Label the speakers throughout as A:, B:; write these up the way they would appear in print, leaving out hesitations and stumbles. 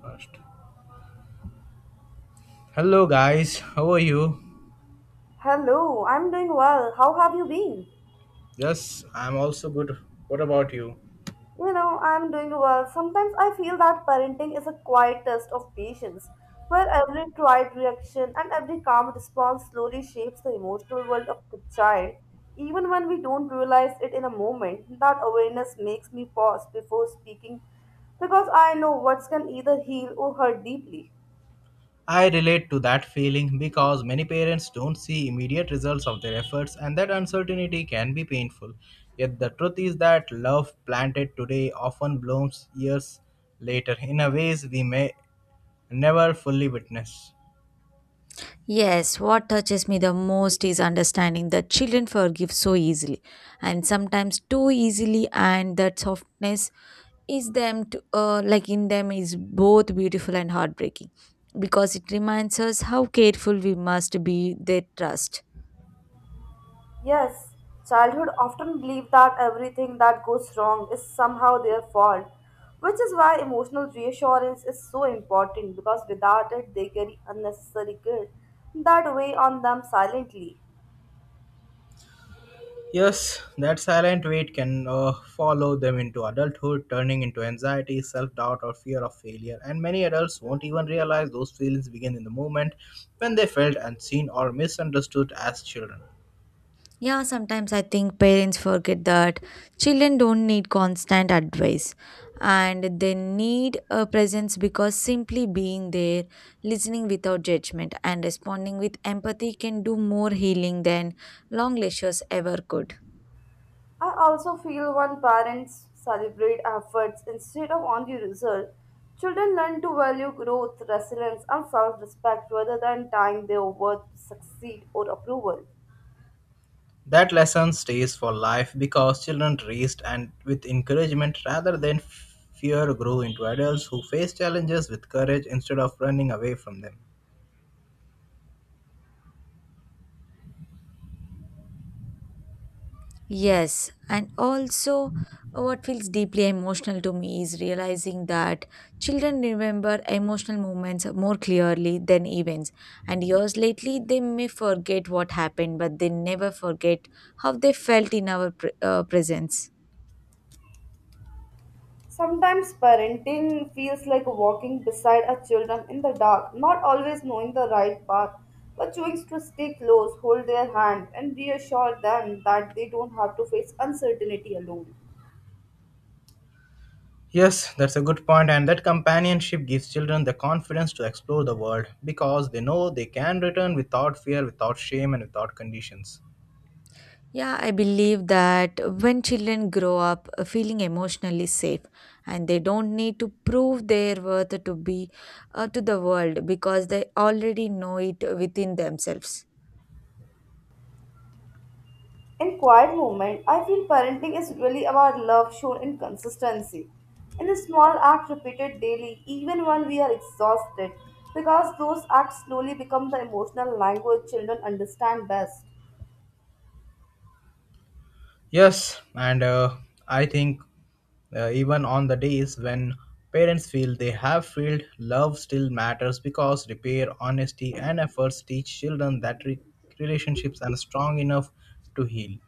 A: First. Hello guys, how are you?
B: Hello, I'm doing well. How have you been?
A: Yes, I'm also good. What about you?
B: I'm doing well. Sometimes I feel that parenting is a quiet test of patience, where every quiet reaction and every calm response slowly shapes the emotional world of the child. Even when we don't realize it in a moment, that awareness makes me pause before speaking because I know words can either heal or hurt deeply.
A: I relate to that feeling because many parents don't see immediate results of their efforts, and that uncertainty can be painful. Yet the truth is that love planted today often blooms years later in a ways we may never fully witness.
C: Yes, what touches me the most is understanding that children forgive so easily and sometimes too easily, and that softness is them to, like in them is both beautiful and heartbreaking because it reminds us how careful we must be their trust.
B: Yes, childhood often believe that everything that goes wrong is somehow their fault, which is why emotional reassurance is so important because without it they carry unnecessary guilt that weigh on them silently.
A: Yes, that silent weight can follow them into adulthood, turning into anxiety, self doubt, or fear of failure. And many adults won't even realize those feelings begin in the moment when they felt unseen or misunderstood as children.
C: Yeah, sometimes I think parents forget that children don't need constant advice and they need a presence because simply being there, listening without judgment, and responding with empathy can do more healing than long lectures ever could.
B: I also feel when parents celebrate efforts instead of only results, children learn to value growth, resilience, and self-respect rather than tying their worth to succeed or approval.
A: That lesson stays for life because children raised and with encouragement rather than fear grow into adults who face challenges with courage instead of running away from them.
C: Yes, and also what feels deeply emotional to me is realizing that children remember emotional moments more clearly than events. And years lately, they may forget what happened, but they never forget how they felt in our presence.
B: Sometimes parenting feels like walking beside our children in the dark, not always knowing the right path, but choosing to stay close, hold their hand, and reassure them that they don't have to face uncertainty alone.
A: Yes, that's a good point, and that companionship gives children the confidence to explore the world because they know they can return without fear, without shame, and without conditions.
C: Yeah, I believe that when children grow up feeling emotionally safe, and they don't need to prove their worth to be to the world because they already know it within themselves.
B: In quiet moment, I feel parenting is really about love shown in consistency. In a small act repeated daily, even when we are exhausted, because those acts slowly become the emotional language children understand best.
A: Yes, and I think even on the days when parents feel they have failed, love still matters because repair, honesty, and efforts teach children that relationships are strong enough to heal.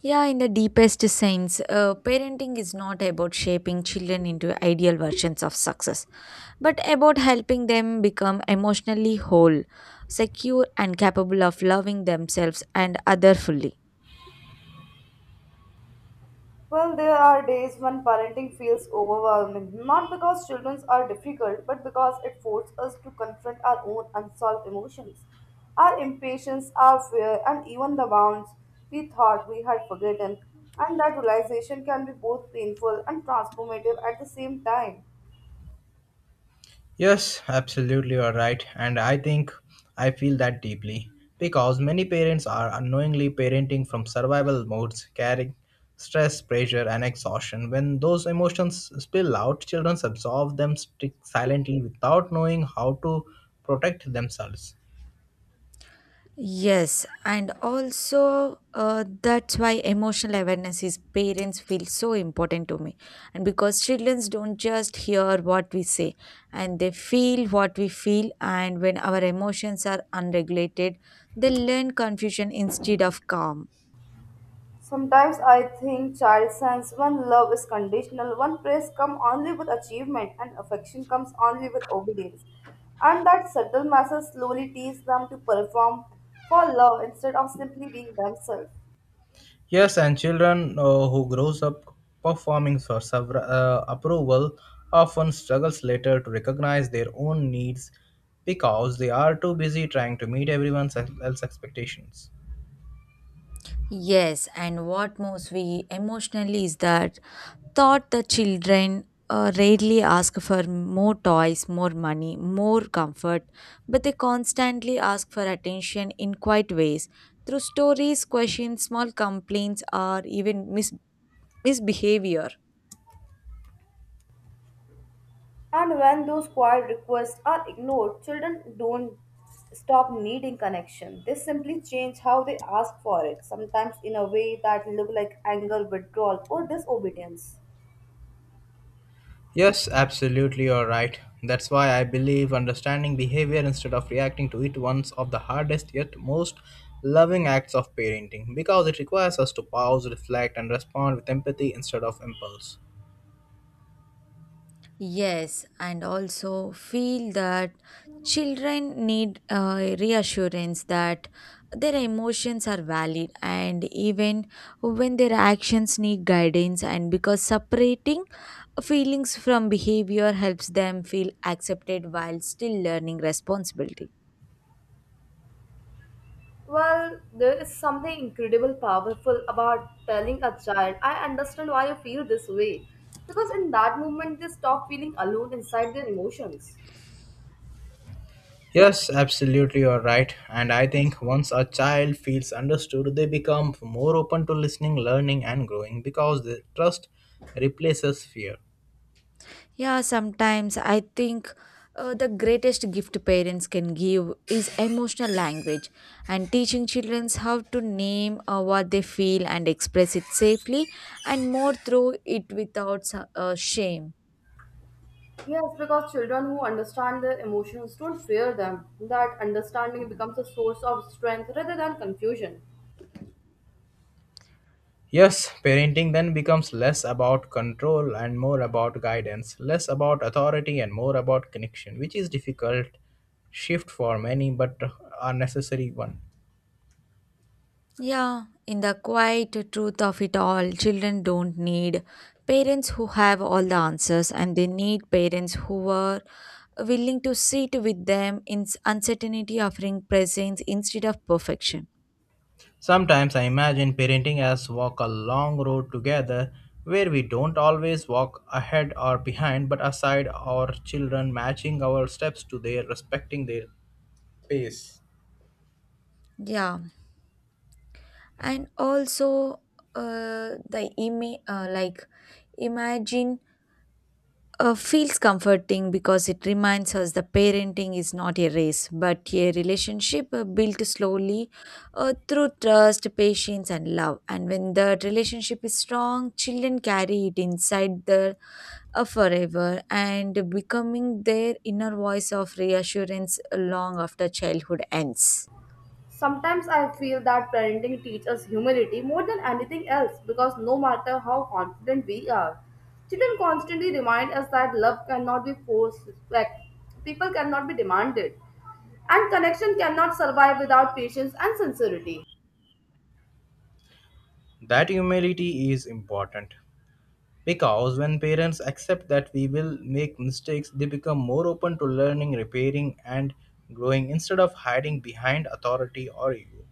C: Yeah, in the deepest sense, parenting is not about shaping children into ideal versions of success, but about helping them become emotionally whole, secure, and capable of loving themselves and other fully.
B: Well, there are days when parenting feels overwhelming, not because children are difficult, but because it forces us to confront our own unsolved emotions, our impatience, our fear, and even the bounds we thought we had forgotten. And that realization can be both painful and transformative at the same time.
A: Yes, absolutely, you're right. And I think I feel that deeply because many parents are unknowingly parenting from survival modes, carrying stress, pressure, and exhaustion. When those emotions spill out, children absorb them silently without knowing how to protect themselves.
C: Yes, and also that's why emotional awareness is parents feel so important to me. And because children don't just hear what we say, and they feel what we feel. And when our emotions are unregulated, they learn confusion instead of calm.
B: Sometimes I think child sense when love is conditional, when praise comes only with achievement and affection comes only with obedience. And that subtle message slowly teaches them to perform for love instead of simply being themselves.
A: Yes, and children who grows up performing for several, approval often struggles later to recognize their own needs because they are too busy trying to meet everyone else's expectations.
C: Yes, and what moves me emotionally is that thought the children rarely ask for more toys, more money, more comfort, but they constantly ask for attention in quiet ways through stories, questions, small complaints, or even misbehavior.
B: And when those quiet requests are ignored, children don't stop needing connection. They simply change how they ask for it, sometimes in a way that look like anger, withdrawal, or disobedience.
A: Yes, absolutely, you're right. That's why I believe understanding behavior instead of reacting to it one's of the hardest yet most loving acts of parenting because it requires us to pause, reflect, and respond with empathy instead of impulse.
C: Yes, and also feel that children need reassurance that their emotions are valid and even when their actions need guidance and because separating feelings from behavior helps them feel accepted while still learning responsibility.
B: Well, there is something incredible powerful about telling a child, I understand why you feel this way. Because in that moment, they stop feeling alone inside their emotions.
A: Yes, absolutely, you're right. And I think once a child feels understood, they become more open to listening, learning, and growing because the trust replaces fear.
C: Yeah, sometimes I think the greatest gift parents can give is emotional language and teaching children how to name what they feel and express it safely and more through it without shame.
B: Yes, because children who understand their emotions don't fear them. That understanding becomes a source of strength rather than confusion.
A: Yes, parenting then becomes less about control and more about guidance, less about authority and more about connection, which is difficult shift for many but a necessary one.
C: Yeah, in the quiet truth of it all, children don't need parents who have all the answers and they need parents who are willing to sit with them in s- uncertainty, offering presence instead of perfection.
A: Sometimes I imagine parenting as walk a long road together where we don't always walk ahead or behind but aside our children matching our steps to their respecting their pace.
C: Yeah. And also like imagine feels comforting because it reminds us the parenting is not a race but a relationship built slowly through trust patience and love and when the relationship is strong children carry it inside their forever and becoming their inner voice of reassurance long after childhood ends.
B: Sometimes I feel that parenting teaches us humility more than anything else because no matter how confident we are, children constantly remind us that love cannot be forced, respect, people cannot be demanded, and connection cannot survive without patience and sincerity.
A: That humility is important because when parents accept that we will make mistakes, they become more open to learning, repairing, and growing instead of hiding behind authority or ego.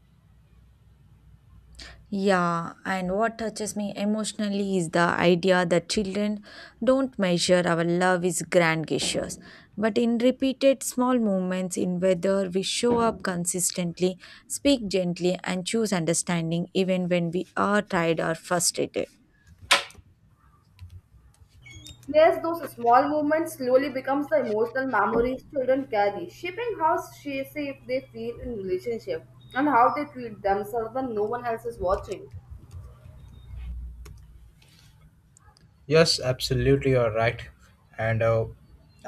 C: Yeah, and what touches me emotionally is the idea that children don't measure our love is grand gestures, but in repeated small moments in whether we show up consistently, speak gently, and choose understanding even when we are tired or frustrated.
B: Yes, those small moments slowly becomes the emotional memories children carry, shaping how safe they feel in relationship and how they treat themselves when no one else is watching.
A: Yes, absolutely, you're right. And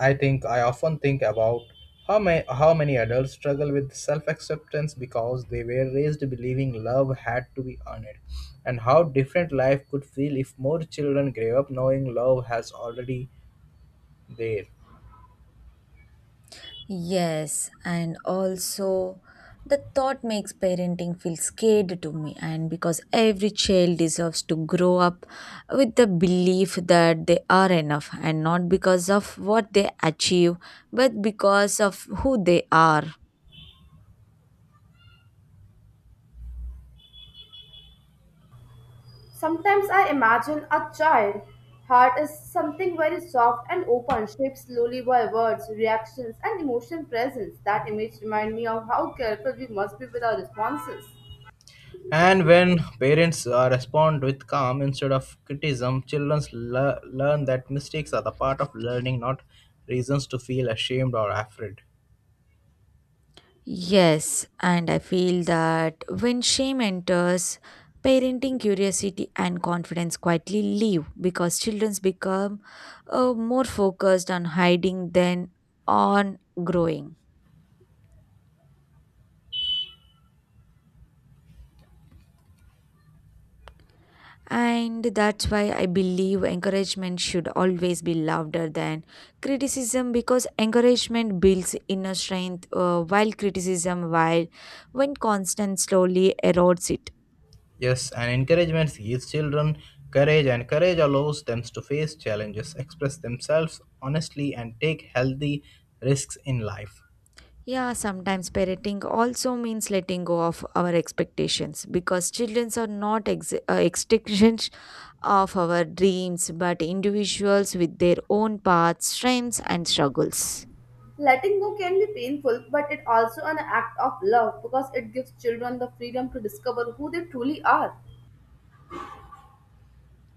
A: I think I often think about how many adults struggle with self-acceptance because they were raised believing love had to be earned, and how different life could feel if more children grew up knowing love has already there.
C: Yes, and also the thought makes parenting feel scared to me, and because every child deserves to grow up with the belief that they are enough, and not because of what they achieve, but because of who they are.
B: Sometimes I imagine a child heart is something very soft and open, shaped slowly by words, reactions, and emotion. Presence. That image reminds me of how careful we must be with our responses.
A: And when parents respond with calm instead of criticism, children learn that mistakes are the part of learning, not reasons to feel ashamed or afraid.
C: Yes, and I feel that when shame enters, parenting curiosity and confidence quietly leave because children become more focused on hiding than on growing. And that's why I believe encouragement should always be louder than criticism because encouragement builds inner strength while criticism, while when constant, slowly erodes it.
A: Yes, and encouragement gives children courage, and courage allows them to face challenges, express themselves honestly, and take healthy risks in life.
C: Yeah, sometimes parenting also means letting go of our expectations because children are not extensions of our dreams but individuals with their own paths, strengths, and struggles.
B: Letting go can be painful, but it also an act of love because it gives children the freedom to discover who they truly are.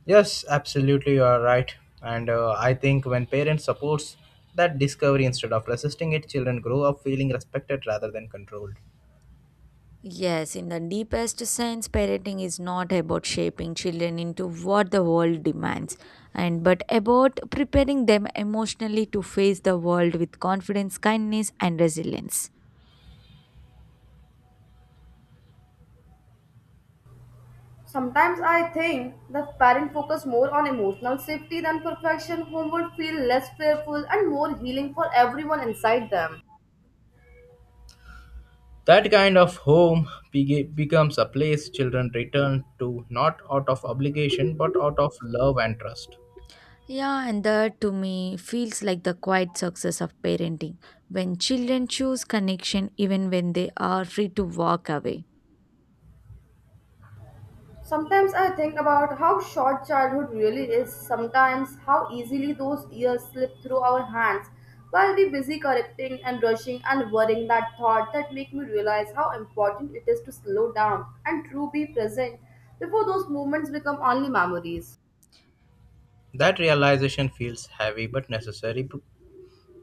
A: Yes, absolutely, you are right. And I think when parents supports that discovery instead of resisting it, children grow up feeling respected rather than controlled.
C: Yes, in the deepest sense, parenting is not about shaping children into what the world demands, and but about preparing them emotionally to face the world with confidence, kindness, and resilience.
B: Sometimes I think the parent focus more on emotional safety than perfection, whom would feel less fearful and more healing for everyone inside them.
A: That kind of home becomes a place children return to not out of obligation but out of love and trust.
C: Yeah, and that to me feels like the quiet success of parenting when children choose connection even when they are free to walk away.
B: Sometimes I think about how short childhood really is, sometimes how easily those years slip through our hands while we're busy correcting and rushing and worrying that thought that make me realize how important it is to slow down and truly be present before those moments become only memories.
A: That realization feels heavy but necessary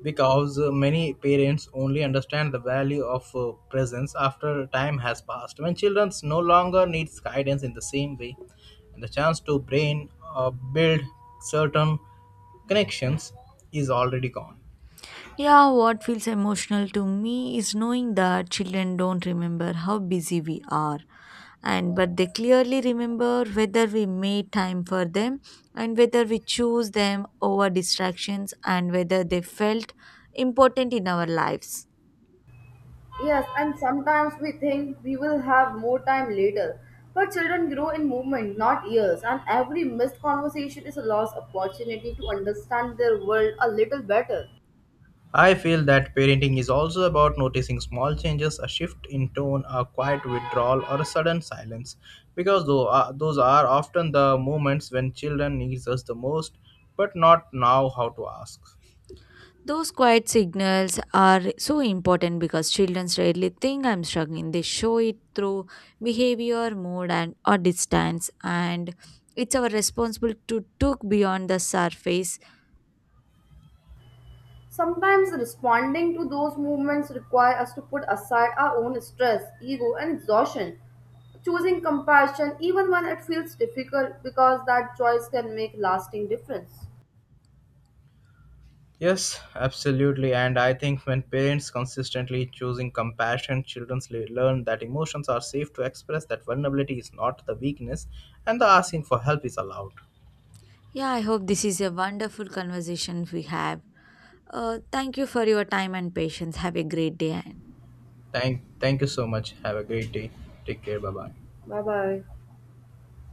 A: because many parents only understand the value of presence after time has passed when children no longer needs guidance in the same way, and the chance to brain uh, build certain connections is already gone.
C: Yeah, what feels emotional to me is knowing that children don't remember how busy we are and but they clearly remember whether we made time for them and whether we choose them over distractions and whether they felt important in our lives.
B: Yes, and sometimes we think we will have more time later. But children grow in movement, not years, and every missed conversation is a lost opportunity to understand their world a little better.
A: I feel that parenting is also about noticing small changes, a shift in tone, a quiet withdrawal, or a sudden silence, because those are often the moments when children needs us the most but not now how to ask.
C: Those quiet signals are so important because children rarely think I'm struggling. They show it through behavior, mood, and or distance. And it's our responsibility to look beyond the surface.
B: Sometimes responding to those movements require us to put aside our own stress, ego, and exhaustion. Choosing compassion even when it feels difficult because that choice can make lasting difference.
A: Yes, absolutely. And I think when parents consistently choosing compassion, children learn that emotions are safe to express, that vulnerability is not the weakness, and the asking for help is allowed.
C: Yeah, I hope this is a wonderful conversation we have. Thank you for your time and patience. Have a great day.
A: Thank you so much. Have a great day. Take care. Bye bye.
B: Bye bye.